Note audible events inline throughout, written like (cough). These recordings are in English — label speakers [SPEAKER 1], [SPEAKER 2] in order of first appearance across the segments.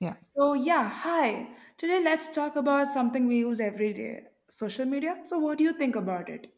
[SPEAKER 1] Yeah.
[SPEAKER 2] So, yeah, hi. Today, let's talk about something we use every day social media. So, what do you think about it?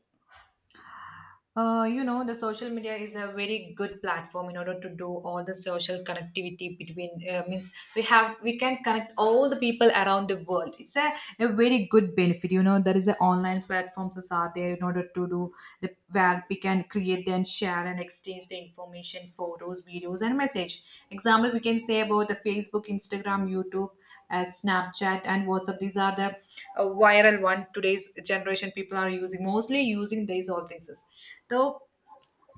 [SPEAKER 1] The social media is a very good platform in order to do all the social connectivity between. Means we can connect all the people around the world. It's a very good benefit. There is a online platforms that are there in order to do the where we can create and share and exchange the information, photos, videos, and message. Example, we can say about the Facebook, Instagram, YouTube, Snapchat, and WhatsApp. These are the viral one today's generation people are using mostly using these all things though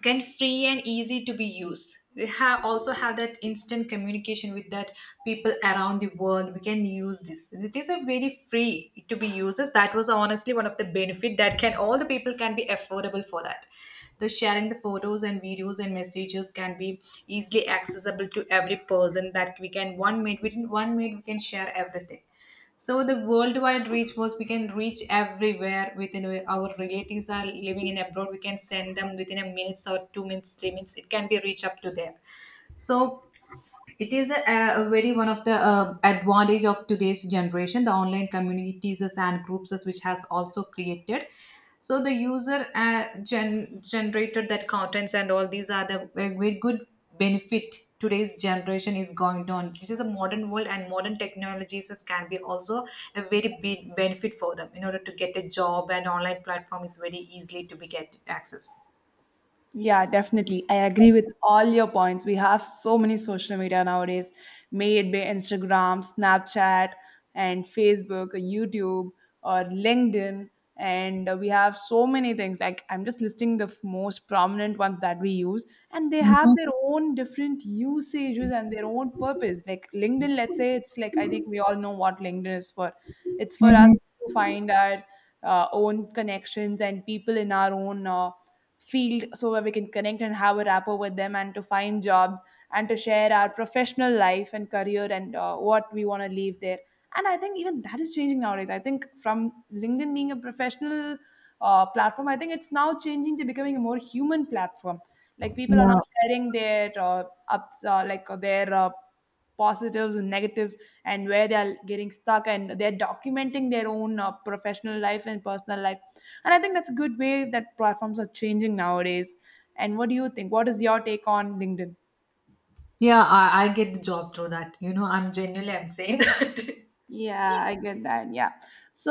[SPEAKER 1] can free and easy to be used. We have also have that instant communication with that people around the world. We can use this these are very free to be used. That was honestly one of the benefit that can all the people can be affordable for that the sharing the photos and videos and messages can be easily accessible to every person that we can 1 minute within 1 minute we can share everything. So the worldwide reach was we can reach everywhere within our relatives are living in abroad. We can send them within a minutes or 2 minutes, 3 minutes. It can be reached up to there. So it is a very one of the advantage of today's generation the online communities and groups which has also created. So the user generated that contents and all these are the very good benefit. Today's generation is going on. This is a modern world and modern technologies can be also a very big benefit for them in order to get a job, and online platform is very easily to be get access.
[SPEAKER 2] Yeah, definitely. I agree with all your points. We have so many social media nowadays, made by Instagram, Snapchat, and Facebook, or YouTube, or LinkedIn. And we have so many things. Like, I'm just listing the most prominent ones that we use, and they have their own different usages and their own purpose. Like, LinkedIn, let's say it's like, I think we all know what LinkedIn is for. It's for
[SPEAKER 1] Mhm.
[SPEAKER 2] us to find our own connections and people in our own. Field, so where we can connect and have a rapport with them and to find jobs and to share our professional life and career and what we want to leave there. And I think even that is changing nowadays. I think from LinkedIn being a professional platform, I think it's now changing to becoming a more human platform. Like, people are
[SPEAKER 1] Yeah,
[SPEAKER 2] now sharing their ups like their positives and negatives, and where they are getting stuck, and they're documenting their own professional life and personal life. And I think that's a good way that platforms are changing nowadays. And what do you think? What is your take on LinkedIn?
[SPEAKER 1] yeah, I get the job through that, I'm genuinely I'm saying.
[SPEAKER 2] Yeah, I get that. Yeah.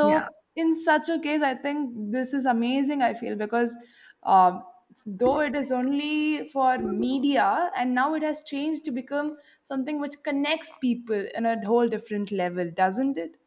[SPEAKER 1] Yeah,
[SPEAKER 2] in such a case, I think this is amazing, I feel, because um, though it is only for media and now it has changed to become something which connects people in a whole different level, doesn't it?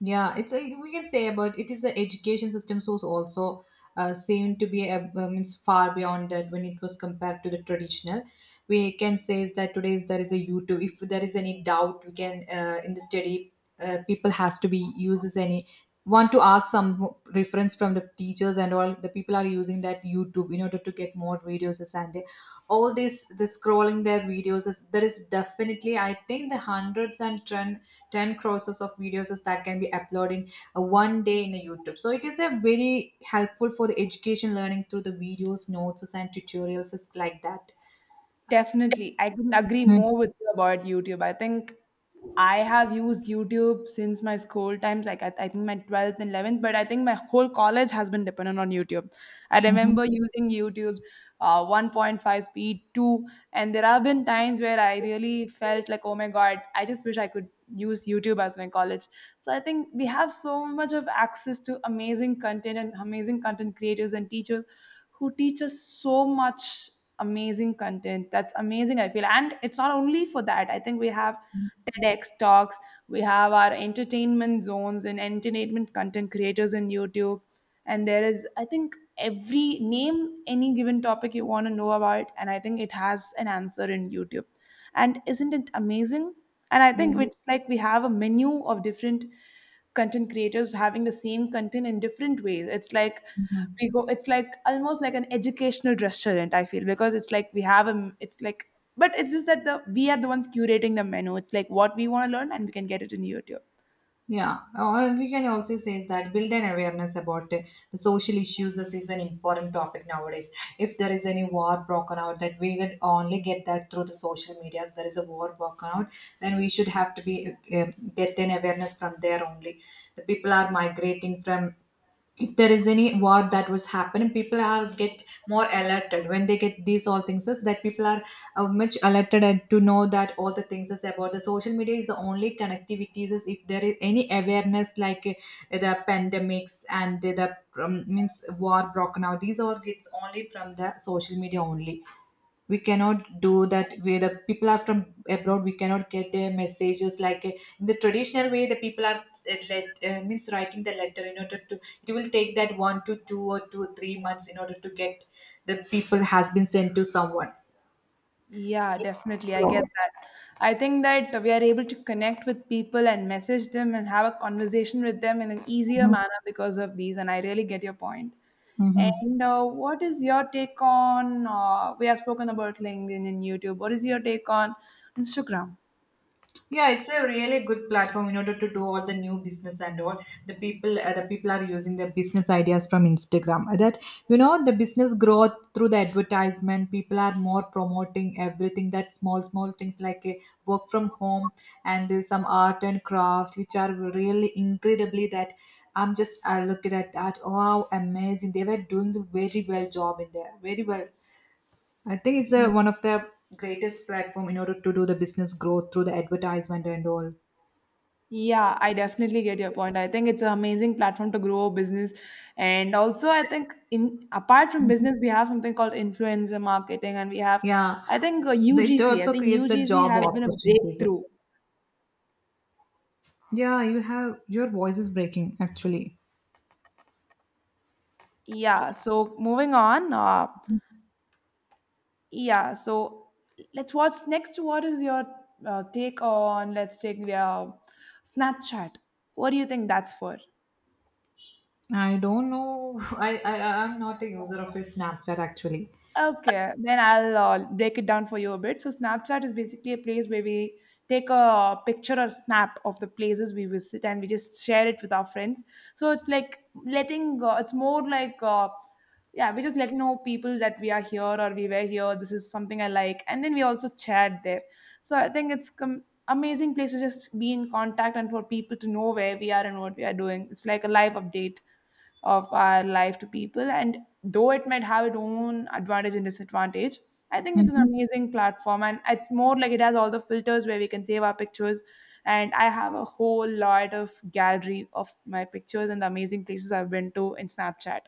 [SPEAKER 1] yeah. We can say about it is the education system source also seem to be means far beyond that when it was compared to the traditional. We can say is that today is there is a YouTube. If there is any doubt, we can in the study people has to be uses any want to ask some reference from the teachers, and all the people are using that YouTube in order to get more videos, and all this scrolling their videos is there is definitely I think the hundreds and ten crosses of videos is that can be uploaded in a 1 day in a YouTube. So it is a very helpful for the education learning through the videos, notes and tutorials is like that.
[SPEAKER 2] Definitely. I couldn't agree more with you about YouTube. I think I have used YouTube since my school times, like I think my 12th and 11th, but I think my whole college has been dependent on YouTube. I
[SPEAKER 1] Mm-hmm.
[SPEAKER 2] remember using YouTube's 1.5 speed, 2, and there have been times where I really felt like, oh my God, I just wish I could use YouTube as my college. So I think we have so much of access to amazing content and amazing content creators and teachers who teach us so much amazing content. That's amazing, I feel. And it's not only for that. I think we have TEDx talks, we have our entertainment zones and entertainment content creators in YouTube. And there is, I think, every name any given topic you want to know about. And I think it has an answer in YouTube. And isn't it amazing? And I think
[SPEAKER 1] Yeah.
[SPEAKER 2] it's like we have a menu of different content creators having the same content in different ways. It's like almost like an educational restaurant, I feel, because it's like it's like but it's just that the we are the ones curating the menu. It's like what we want to learn and we can get it in YouTube.
[SPEAKER 1] Yeah, or we can also say is that build an awareness about the social issues. This is an important topic nowadays. If there is any war broken out, that we can only get that through the social medias. There is a war broken out, then we should have to be get an awareness from there only. The people are migrating from. If there is any war that was happening, people are get more alerted. When they get these all things is that people are much alerted, and to know that all the things is about the social media is the only connectivities is if there is any awareness like the pandemics and the means war broken out, these all gets only from the social media only. We cannot do that way. The people are from abroad, we cannot get their messages like in the traditional way. The people are let means writing the letter in order to it will take that 1 to 2 or 2 3 months in order to get the people has been sent to someone.
[SPEAKER 2] Yeah, definitely. I get
[SPEAKER 1] So.
[SPEAKER 2] that. I think that we are able to connect with people and message them and have a conversation with them in an easier
[SPEAKER 1] Mhm.
[SPEAKER 2] manner because of these. And I really get your point.
[SPEAKER 1] Mhm.
[SPEAKER 2] And what is your take on? We have spoken about LinkedIn and YouTube. What is your take on Instagram?
[SPEAKER 1] Yeah, it's a really good platform in order to do all the new business and all. The people are using their business ideas from Instagram. The business growth through the advertisement. People are more promoting everything that small, small things like a work from home, and there's some art and craft, which are really incredibly that. I look at that. Wow, amazing! They were doing the very well job in there, very well. I think it's one of the greatest platform in order to do the business growth through the advertisement and all.
[SPEAKER 2] Yeah, I definitely get your point. I think it's an amazing platform to grow a business. And also I think in apart from business,
[SPEAKER 1] Mhm.
[SPEAKER 2] we have something called influencer marketing, and we have
[SPEAKER 1] Yeah,
[SPEAKER 2] I think
[SPEAKER 1] it
[SPEAKER 2] UGC. I
[SPEAKER 1] also
[SPEAKER 2] think
[SPEAKER 1] creates a
[SPEAKER 2] UGC
[SPEAKER 1] job
[SPEAKER 2] has been a
[SPEAKER 1] opportunities. as-
[SPEAKER 2] breakthrough.
[SPEAKER 1] well. Yeah, you have your voice is breaking actually.
[SPEAKER 2] Yeah, so moving on, yeah, so let's watch next what is your take on. Let's take the Snapchat. What do you think that's for?
[SPEAKER 1] I don't know. (laughs) I'm not a user of your Snapchat actually.
[SPEAKER 2] Okay, then I'll break it down for you a bit. So, Snapchat is basically a place where we take a picture or snap of the places we visit and we just share it with our friends. So, it's like letting, it's more like, yeah, we just let know people that we are here or we were here. This is something I like. And then we also chat there. So, I think amazing place to just be in contact and for people to know where we are and what we are doing. It's like a live update of our life to people. And though it might have its own advantage and disadvantage, I think it's an
[SPEAKER 1] Mhm.
[SPEAKER 2] amazing platform. And it's more like it has all the filters where we can save our pictures. And I have a whole lot of gallery of my pictures and the amazing places I've been to in Snapchat.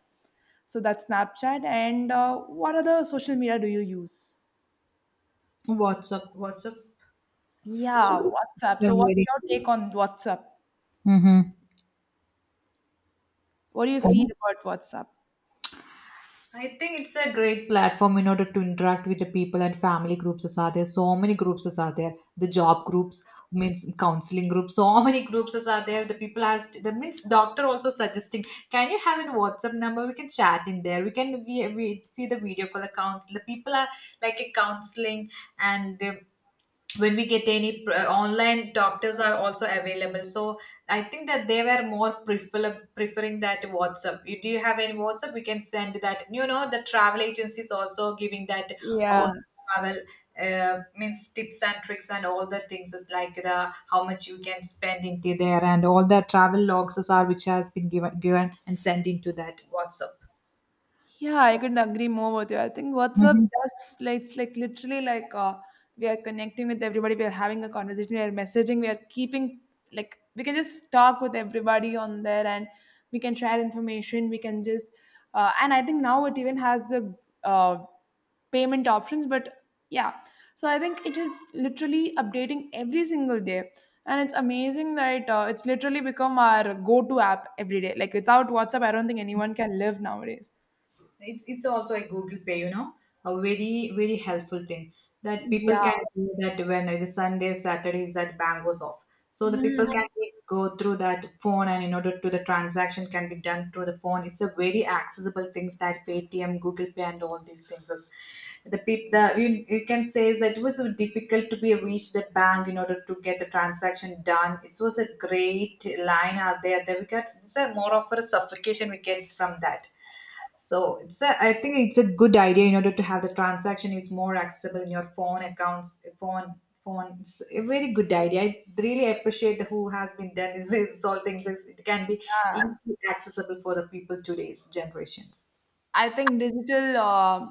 [SPEAKER 2] So that's Snapchat. And what other social media do you use?
[SPEAKER 1] WhatsApp.
[SPEAKER 2] Yeah,
[SPEAKER 1] Is
[SPEAKER 2] WhatsApp. So what's
[SPEAKER 1] very.
[SPEAKER 2] your take on WhatsApp?
[SPEAKER 1] Mm-hmm.
[SPEAKER 2] What do you feel about WhatsApp?
[SPEAKER 1] I think it's a great platform in order to interact with the people and family groups as are there. So many groups as are there. The job groups means counseling groups. So many groups as are there. The people asked the means doctor also suggesting. Can you have a WhatsApp number? We can chat in there. We see the video call the counsel. The people are like a counseling and. When we get any online doctors are also available. So I think that they were more preferring that WhatsApp. Do you have any WhatsApp, we can send that? The travel agencies also giving that all
[SPEAKER 2] Yeah.
[SPEAKER 1] travel means tips and tricks, and all the things is like the how much you can spend into there, and all the travel logs are which has been given and sent into that WhatsApp.
[SPEAKER 2] Yeah, I couldn't agree more with you. I think WhatsApp
[SPEAKER 1] Mhm.
[SPEAKER 2] does like it's like literally like we are connecting with everybody. We are having a conversation. We are messaging. We are keeping like we can just talk with everybody on there, and we can share information. We can just and I think now it even has the uh, payment options. But yeah, so I think it is literally updating every single day. And it's amazing that it's literally become our go-to app every day. Like without WhatsApp, I don't think anyone can live nowadays.
[SPEAKER 1] It's also a Google Pay, a very very helpful thing that people
[SPEAKER 2] Yeah.
[SPEAKER 1] can do that when the Sunday Saturdays that bank was off. So the people
[SPEAKER 2] Hmm.
[SPEAKER 1] can go through that phone, and in order to the transaction can be done through the phone. It's a very accessible things that Paytm, Google Pay, and all these things is the people the you can say is that it was so difficult to be reached that bank in order to get the transaction done. It was a great line out there that we got. It's a more of a suffocation we get from that. So I think it's a good idea in order to have the transaction is more accessible in your phone accounts, phone. It's a very good idea. I really appreciate who has been done. This is all things. It can be
[SPEAKER 2] Yeah.
[SPEAKER 1] easily accessible for the people today's generations.
[SPEAKER 2] I think digital uh,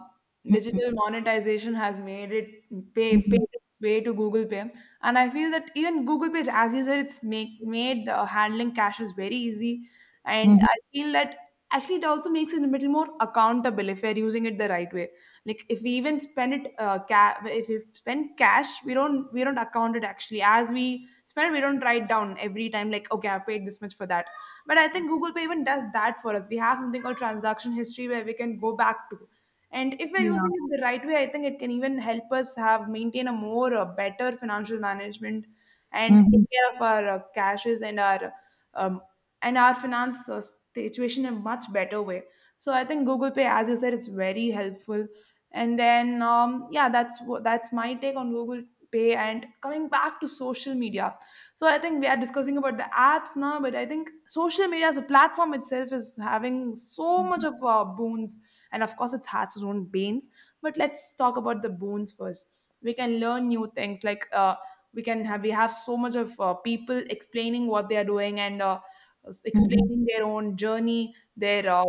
[SPEAKER 2] digital monetization has made it pay paid
[SPEAKER 1] Mm-hmm.
[SPEAKER 2] its way to Google Pay, and I feel that even Google Pay, as you said, it's make made the handling cash is very easy. And I feel that actually it also makes it a little more accountable if we're using it the right way. Like if we even spend it, if we spend cash, we don't account it. Actually, as we spend it, we don't write down every time like, okay, I paid this much for that. But I think Google Pay even does that for us. We have something called transaction history where we can go back to. And if we're
[SPEAKER 1] Yeah.
[SPEAKER 2] using it the right way, I think it can even help us have maintain a more better financial management and take
[SPEAKER 1] Mm-hmm.
[SPEAKER 2] care of our cashes um, and our finance situation in a much better way. So I think Google Pay, as you said, is very helpful. And then yeah, that's that's my take on Google Pay. And coming back to social media, so I think we are discussing about the apps now, but I think social media as a platform itself is having so much of boons, and of course it has its own banes. But let's talk about the boons first. We can learn new things, like we have so much of people explaining what they are doing and
[SPEAKER 1] Mm-hmm.
[SPEAKER 2] explaining their own journey, their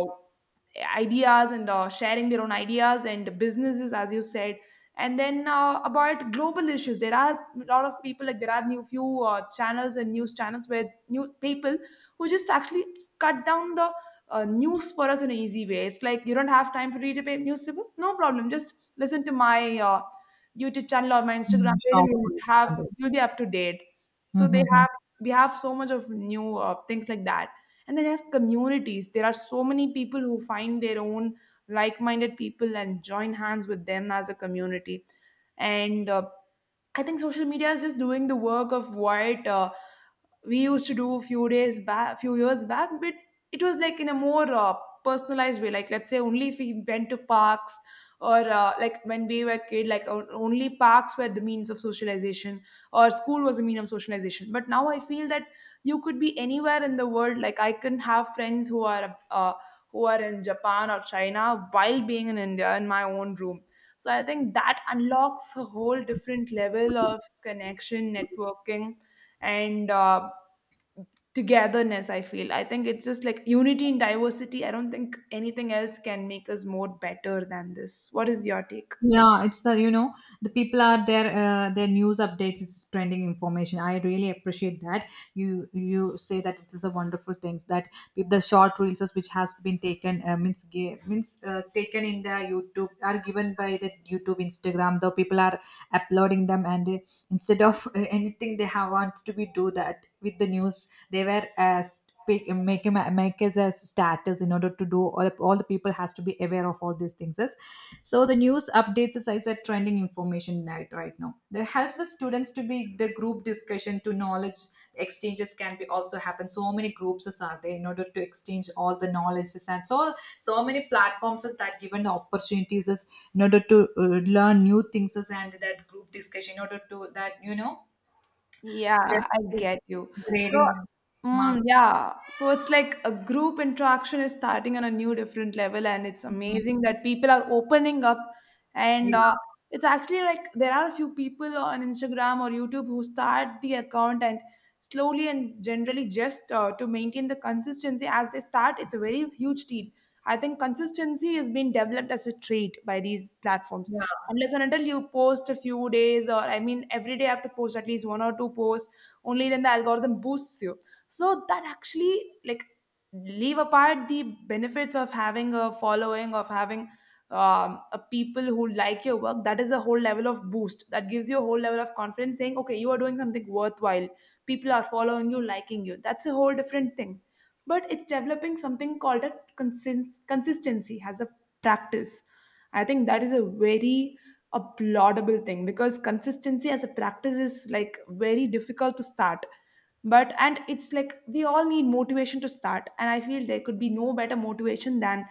[SPEAKER 2] ideas, and sharing their own ideas and businesses, as you said. And then about global issues, there are a lot of people, like there are new few channels and news channels where new people who just actually cut down the news for us in an easy way. It's like you don't have time to read a newspaper, no problem, just listen to my YouTube channel or my Instagram page and
[SPEAKER 1] Short
[SPEAKER 2] you'll have you'll be up to date. So they
[SPEAKER 1] words.
[SPEAKER 2] have we have so much of new things like that. And then you have communities. There are so many people who find their own like-minded people and join hands with them as a community. And I think social media is just doing the work of what we used to do a few days back, few years back, but it was like in a more personalized way. Like let's say only if we went to parks or like when we were kid, like only parks were the means of socialization or school was a mean of socialization. But now I feel that you could be anywhere in the world. Like I can have friends who are in Japan or China while being in India in my own room. So I think that unlocks a whole different level of connection, networking, and togetherness, I feel. I think it's just like unity in diversity. I don't think anything else can make us more better than this. What is your take?
[SPEAKER 1] Yeah, it's the you know the people are their news updates. It's trending information. I really appreciate that you say that it is a wonderful things that the short reels is which has been taken means ga- means taken in the YouTube are given by the YouTube Instagram. Though people are uploading them, and instead of anything they have wants to be do that with the news. They were asked, pick, make him make his as status in order to do all the people has to be aware of all these things is, so the news updates is as a trending information right now that helps the students to be the group discussion to knowledge exchanges can be also happen. So many groups is are there in order to exchange all the knowledges, and so many platforms is that given the opportunities is in order to learn new things is, and that group discussion in order to that
[SPEAKER 2] Yeah,
[SPEAKER 1] that
[SPEAKER 2] I get you. So,
[SPEAKER 1] grading marks.
[SPEAKER 2] yeah, so it's like a group interaction is starting on a new different level, and it's amazing that people are opening up. And
[SPEAKER 1] Yeah.
[SPEAKER 2] it's actually like there are a few people on Instagram or YouTube who start the account and slowly and generally just to maintain the consistency as they start, it's a very huge deal. I think consistency is being developed as a trait by these platforms
[SPEAKER 1] Yeah.
[SPEAKER 2] unless and until you post a few days, or I mean every day I have to post at least one or two posts. Only then the algorithm boosts you. So that actually, like, leave apart the benefits of having a following, of having a people who like your work, that is a whole level of boost that gives you a whole level of confidence, saying okay, you are doing something worthwhile. People are following you, liking you, that's a whole different thing. But it's developing something called a consistency as a practice. I think that is a laudable thing because consistency as a practice is like very difficult to start. But and it's like we all need motivation to start, and I feel there could be no better motivation than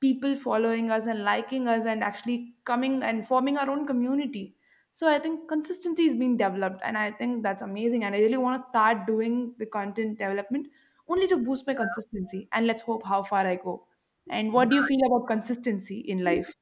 [SPEAKER 2] people following us and liking us and actually coming and forming our own community. So I think consistency is being developed, and I think that's amazing, and I really want to start doing the content development only to boost my consistency, and let's hope how far I go. And what do you feel about consistency in life?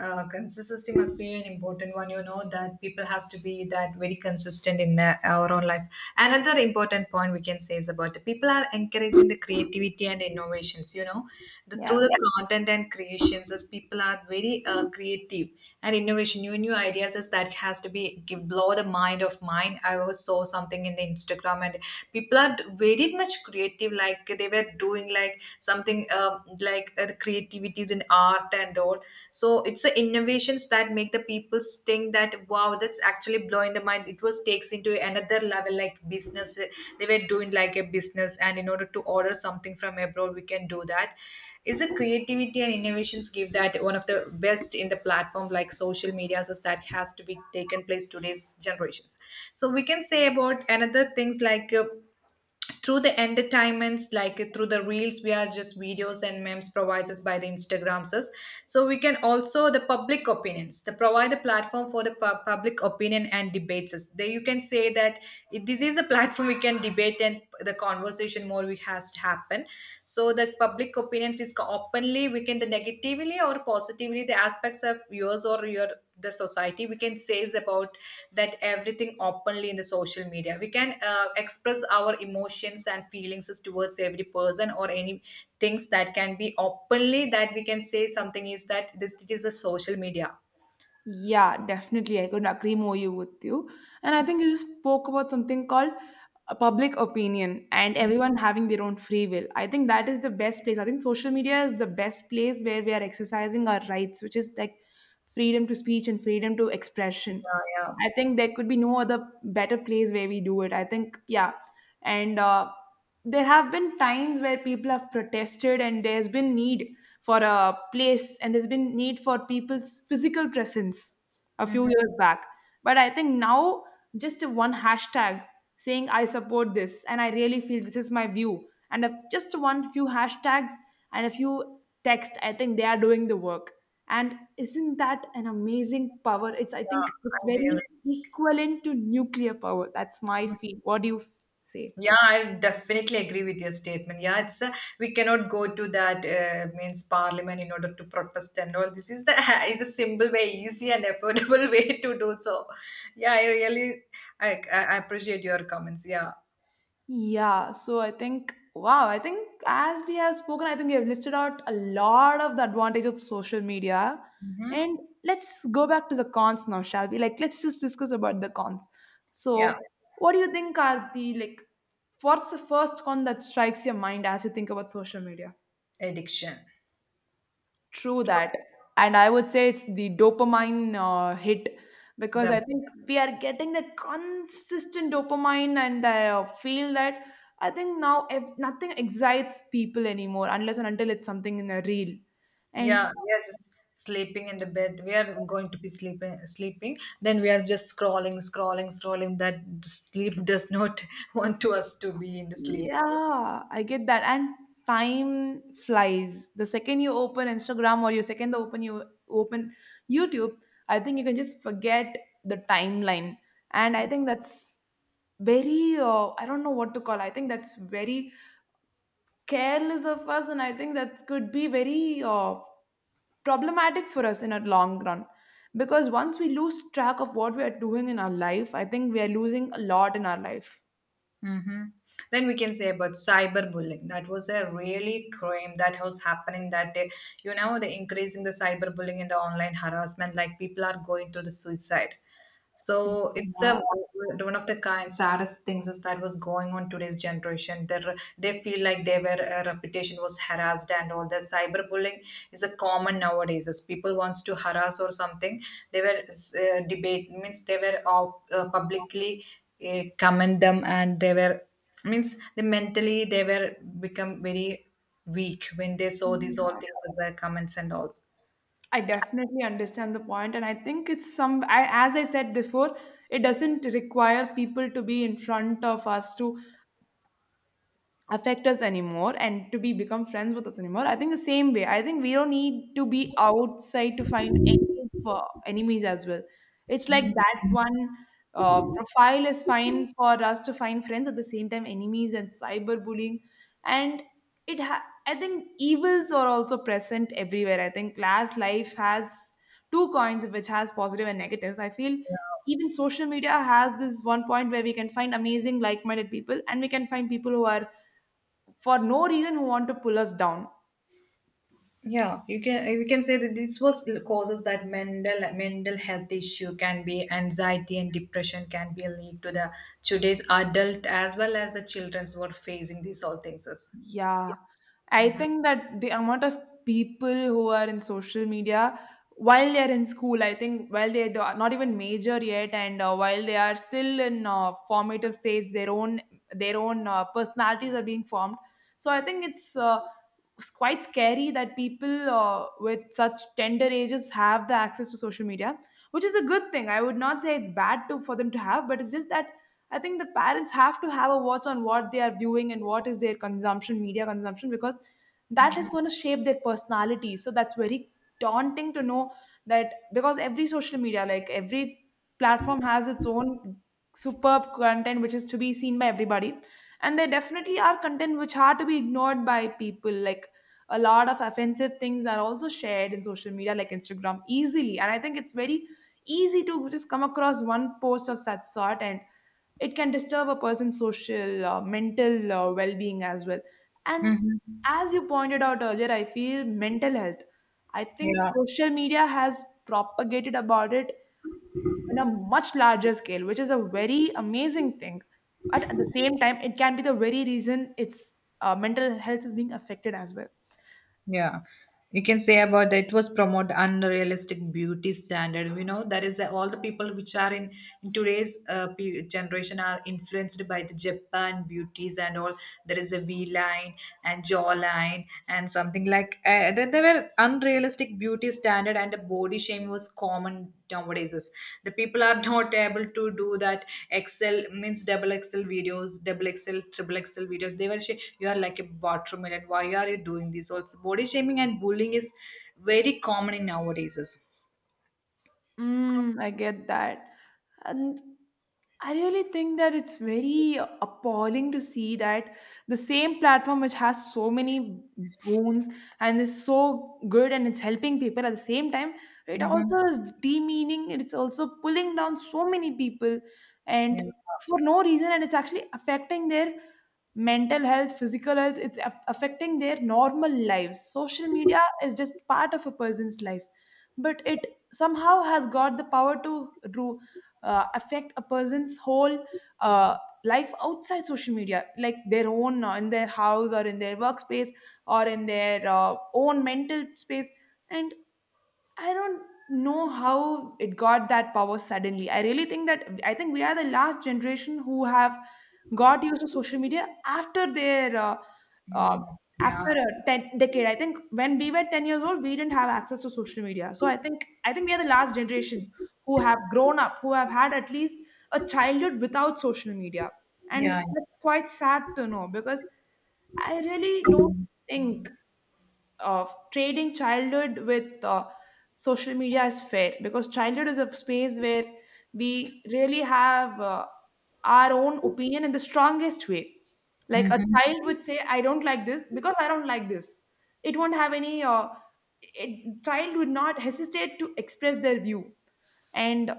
[SPEAKER 1] Consistency must be an important one. You know that people has to be that very consistent in our own life. Another important point we can say is about the people are encouraging the creativity and innovations. Through
[SPEAKER 2] Yeah.
[SPEAKER 1] the, yeah, content and creations, as people are very creative, and innovation new ideas as that has to be blow the mind of mine. I was saw something in the Instagram, and people are very much creative, like they were doing like something something like the creativities in art and all. So it's the innovations that make the people think that, wow, that's actually blowing the mind. It was takes into another level like business. They were doing like a business, and in order to order something from abroad, we can do that is the creativity and innovations give that one of the best in the platform like social medias is that has to be taken place today's generations. So we can say about another things like through the entertainments like through the reels. We are just videos and memes provides us by the Instagramses. So we can also the public opinions they provide a platform for the public opinion and debates us. There you can say that this is a platform we can debate and the conversation more we has to happen. So the public opinions is openly we can the negatively or positively the aspects of yours or your the society we can say is about that everything openly in the social media we can express our emotions and feelings as towards every person or any things that can be openly that we can say something is that this it is a social media.
[SPEAKER 2] Yeah, definitely. I couldn't agree more you with you. And I think you just spoke about something called a public opinion and everyone having their own free will. I think that is the best place. I think social media is the best place where we are exercising our rights, which is like freedom to speech and freedom to expression.
[SPEAKER 1] Yeah, yeah.
[SPEAKER 2] I think there could be no other better place where we do it. I think, yeah, and there have been times where people have protested, and there's been need for a place, and there's been need for people's physical presence a few
[SPEAKER 1] Hmm.
[SPEAKER 2] years back. But I think now, just one hashtag saying I support this and I really feel this is my view, and if just one few hashtags and a few text, I think they are doing the work. And isn't that an amazing power? It's i
[SPEAKER 1] Yeah,
[SPEAKER 2] think it's
[SPEAKER 1] I
[SPEAKER 2] very
[SPEAKER 1] really.
[SPEAKER 2] equivalent to nuclear power. That's my feel. What do you say?
[SPEAKER 1] Yeah, I definitely agree with your statement. Yeah, it's we cannot go to that means parliament in order to protest and all. This is the (laughs) is a simple way, easy and affordable (laughs) way to do so. Yeah, I really. I appreciate your comments. Yeah.
[SPEAKER 2] Yeah, so I think, wow, I think as we have spoken, I think we have listed out a lot of the advantages of social media.
[SPEAKER 1] Hmm.
[SPEAKER 2] And let's go back to the cons now, shall we? Like, let's just discuss about the cons.
[SPEAKER 1] Yeah,
[SPEAKER 2] So, what do you think are like, what's the first con that strikes your mind as you think about social media?
[SPEAKER 1] addiction.
[SPEAKER 2] True that. And I would say it's the dopamine hit because
[SPEAKER 1] The
[SPEAKER 2] I think we are getting the consistent dopamine, and I feel that. I think now, if nothing excites people anymore unless and until it's something in a reel. And
[SPEAKER 1] yeah, we are just sleeping in the bed. We are going to be sleeping. Then we are just scrolling, scrolling, scrolling. That sleep does not (laughs) want to us to be in the sleep.
[SPEAKER 2] Yeah, I get that. And time flies. The second you open Instagram, or your second the open you open YouTube, I think you can just forget the timeline. And I think that's very I don't know what to call. I think that's very careless of us, and I think that could be very problematic for us in a long run because once we lose track of what we are doing in our life, I think we are losing a lot in our life.
[SPEAKER 1] Mm-hmm. Then we can say about cyberbullying. That was a really crime that was happening that day. You know, the increasing the cyberbullying and the online harassment, like people are going to the suicide. So it's a one of the kind saddest things is that was going on today's generation. They feel like their reputation was harassed and all. The cyberbullying is a common nowadays. As people wants to harass or something, they were debate means they were out, publicly comment them and they were means they mentally they were become very weak when they saw these all
[SPEAKER 2] Yeah.
[SPEAKER 1] things as their comments and all.
[SPEAKER 2] I definitely understand the point, and I think it's some. I, as I said before, it doesn't require people to be in front of us to affect us anymore, and to be become friends with us anymore. I think the same way, I think we don't need to be outside to find enemies, for enemies as well. It's like
[SPEAKER 1] Mhm.
[SPEAKER 2] that one profile is fine for us to find friends at the same time enemies and cyberbullying, and I think evils are also present everywhere. I think class life has two coins which has positive and negative. I feel even social media has this one point where we can find amazing like-minded people, and we can find people who are, for no reason, who want to pull us down.
[SPEAKER 1] Yeah, you can we can say that this was causes that mental health issue can be anxiety and depression can be a lead to the today's adult as well as the children's who are facing these all things as.
[SPEAKER 2] Yeah, I think that the amount of people who are in social media while they are in school, I think while they do are not even major yet, and while they are still in formative stage, their own personalities are being formed. So I think it's quite scary that people with such tender ages have the access to social media, which is a good thing. I would not say it's bad to for them to have, but it's just that I think the parents have to have a watch on what they are viewing and what is their consumption, media consumption, because that is going to shape their personality. So that's very daunting to know, that because every social media, like every platform, has its own superb content which is to be seen by everybody. And there definitely are content which are to be ignored by people. Like, a lot of offensive things are also shared in social media, like Instagram, easily. And I think it's very easy to just come across one post of such sort, and it can disturb a person's social, mental, well-being as well. And,
[SPEAKER 1] Mhm.
[SPEAKER 2] as you pointed out earlier, I feel mental health, I think
[SPEAKER 1] Yeah.
[SPEAKER 2] social media has propagated about it on a much larger scale, which is a very amazing thing. But at the same time, it can be the very reason its mental health is being affected as well.
[SPEAKER 1] Yeah, you can say about that. It was promote unrealistic beauty standard. You know, that is all the people which are in today's generation are influenced by the Japan beauties and all. There is a V line and jaw line and something like there were unrealistic beauty standard and the body shame was common nowadays is the people are not able to do that excel means double excel videos double excel triple excel videos you are like a watermelon why are you doing this also body shaming and bullying is very common in nowadays is.
[SPEAKER 2] Mm, I get that. And I really think that it's very appalling to see that the same platform which has so many boons and is so good and it's helping people, at the same time, it
[SPEAKER 1] Mm-hmm.
[SPEAKER 2] also is demeaning, it's also pulling down so many people, and
[SPEAKER 1] Yeah.
[SPEAKER 2] for no reason, and it's actually affecting their mental health, physical health, affecting their normal lives. Social media is just part of a person's life, but it somehow has got the power to affect a person's whole uh, life outside social media, like their own, in their house or in their workspace, or in their own mental space. And I don't know how it got that power suddenly. I really think that, I think we are the last generation who have got used to social media uh,
[SPEAKER 1] Mm.
[SPEAKER 2] after
[SPEAKER 1] Yeah,
[SPEAKER 2] a 10 decade. I think when we were 10 years old, we didn't have access to social media. So I think we are the last generation who have grown up, who have had at least a childhood without social media. And
[SPEAKER 1] yeah, yeah.
[SPEAKER 2] that's quite sad to know because I really don't think of trading childhood with social media is fair, because childhood is a space where we really have our own opinion in the strongest way. Like, a
[SPEAKER 1] Mm-hmm.
[SPEAKER 2] child would say, I don't like this because I don't like this. It won't have child would not hesitate to express their view. And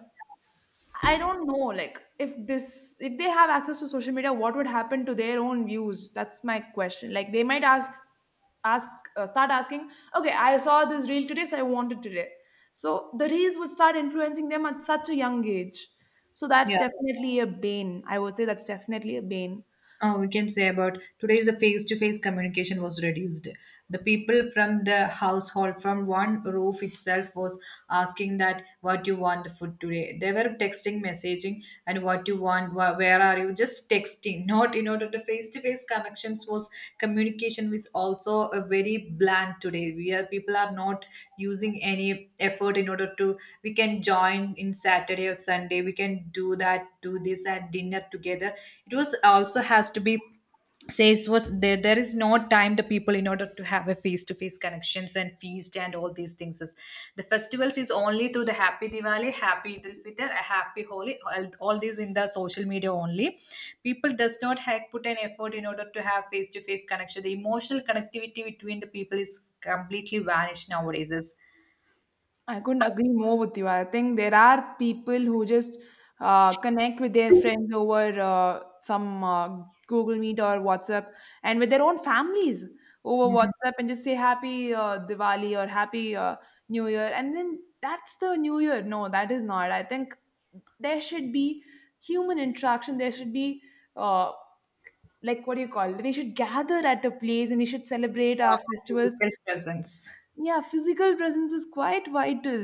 [SPEAKER 2] I don't know, like, if they have access to social media, what would happen to their own views? That's my question. Like, they might ask ask start asking, okay, I saw this reel today, so I want it today. So the reels would start influencing them at such a young age. So that's
[SPEAKER 1] Yeah.
[SPEAKER 2] definitely a bane. I would say that's definitely a bane.
[SPEAKER 1] We can say about today's the face-to-face communication was reduced the people from the household from one roof itself was asking that what you want the food today they were texting messaging and what you want where are you just texting not in order to face-to-face connections was communication was also a very bland today we are people are not using any effort in order to we can join in Saturday or Sunday day we can do that do this and dinner together it was also has to be says was there there is no time the people in order to have a face to face connections and feast and all these things is the festivals is only through the happy Diwali happy Eid al Fitr a happy Holi all these in the social media only people does not have put an effort in order to have face to face connection the emotional connectivity between the people is completely vanished nowadays is.
[SPEAKER 2] I couldn't agree more with you. I think there are people who just connect with their friends over some Google Meet or WhatsApp, and with their own families over
[SPEAKER 1] Mhm.
[SPEAKER 2] WhatsApp, and just say happy Diwali or happy New Year. And then that's the New Year. No, that is not. I think there should be human interaction. There should be, uh, like, what do you call it? We should gather at a place and we should celebrate
[SPEAKER 1] uh,
[SPEAKER 2] our festivals.
[SPEAKER 1] Physical presence.
[SPEAKER 2] Yeah, physical presence is quite vital.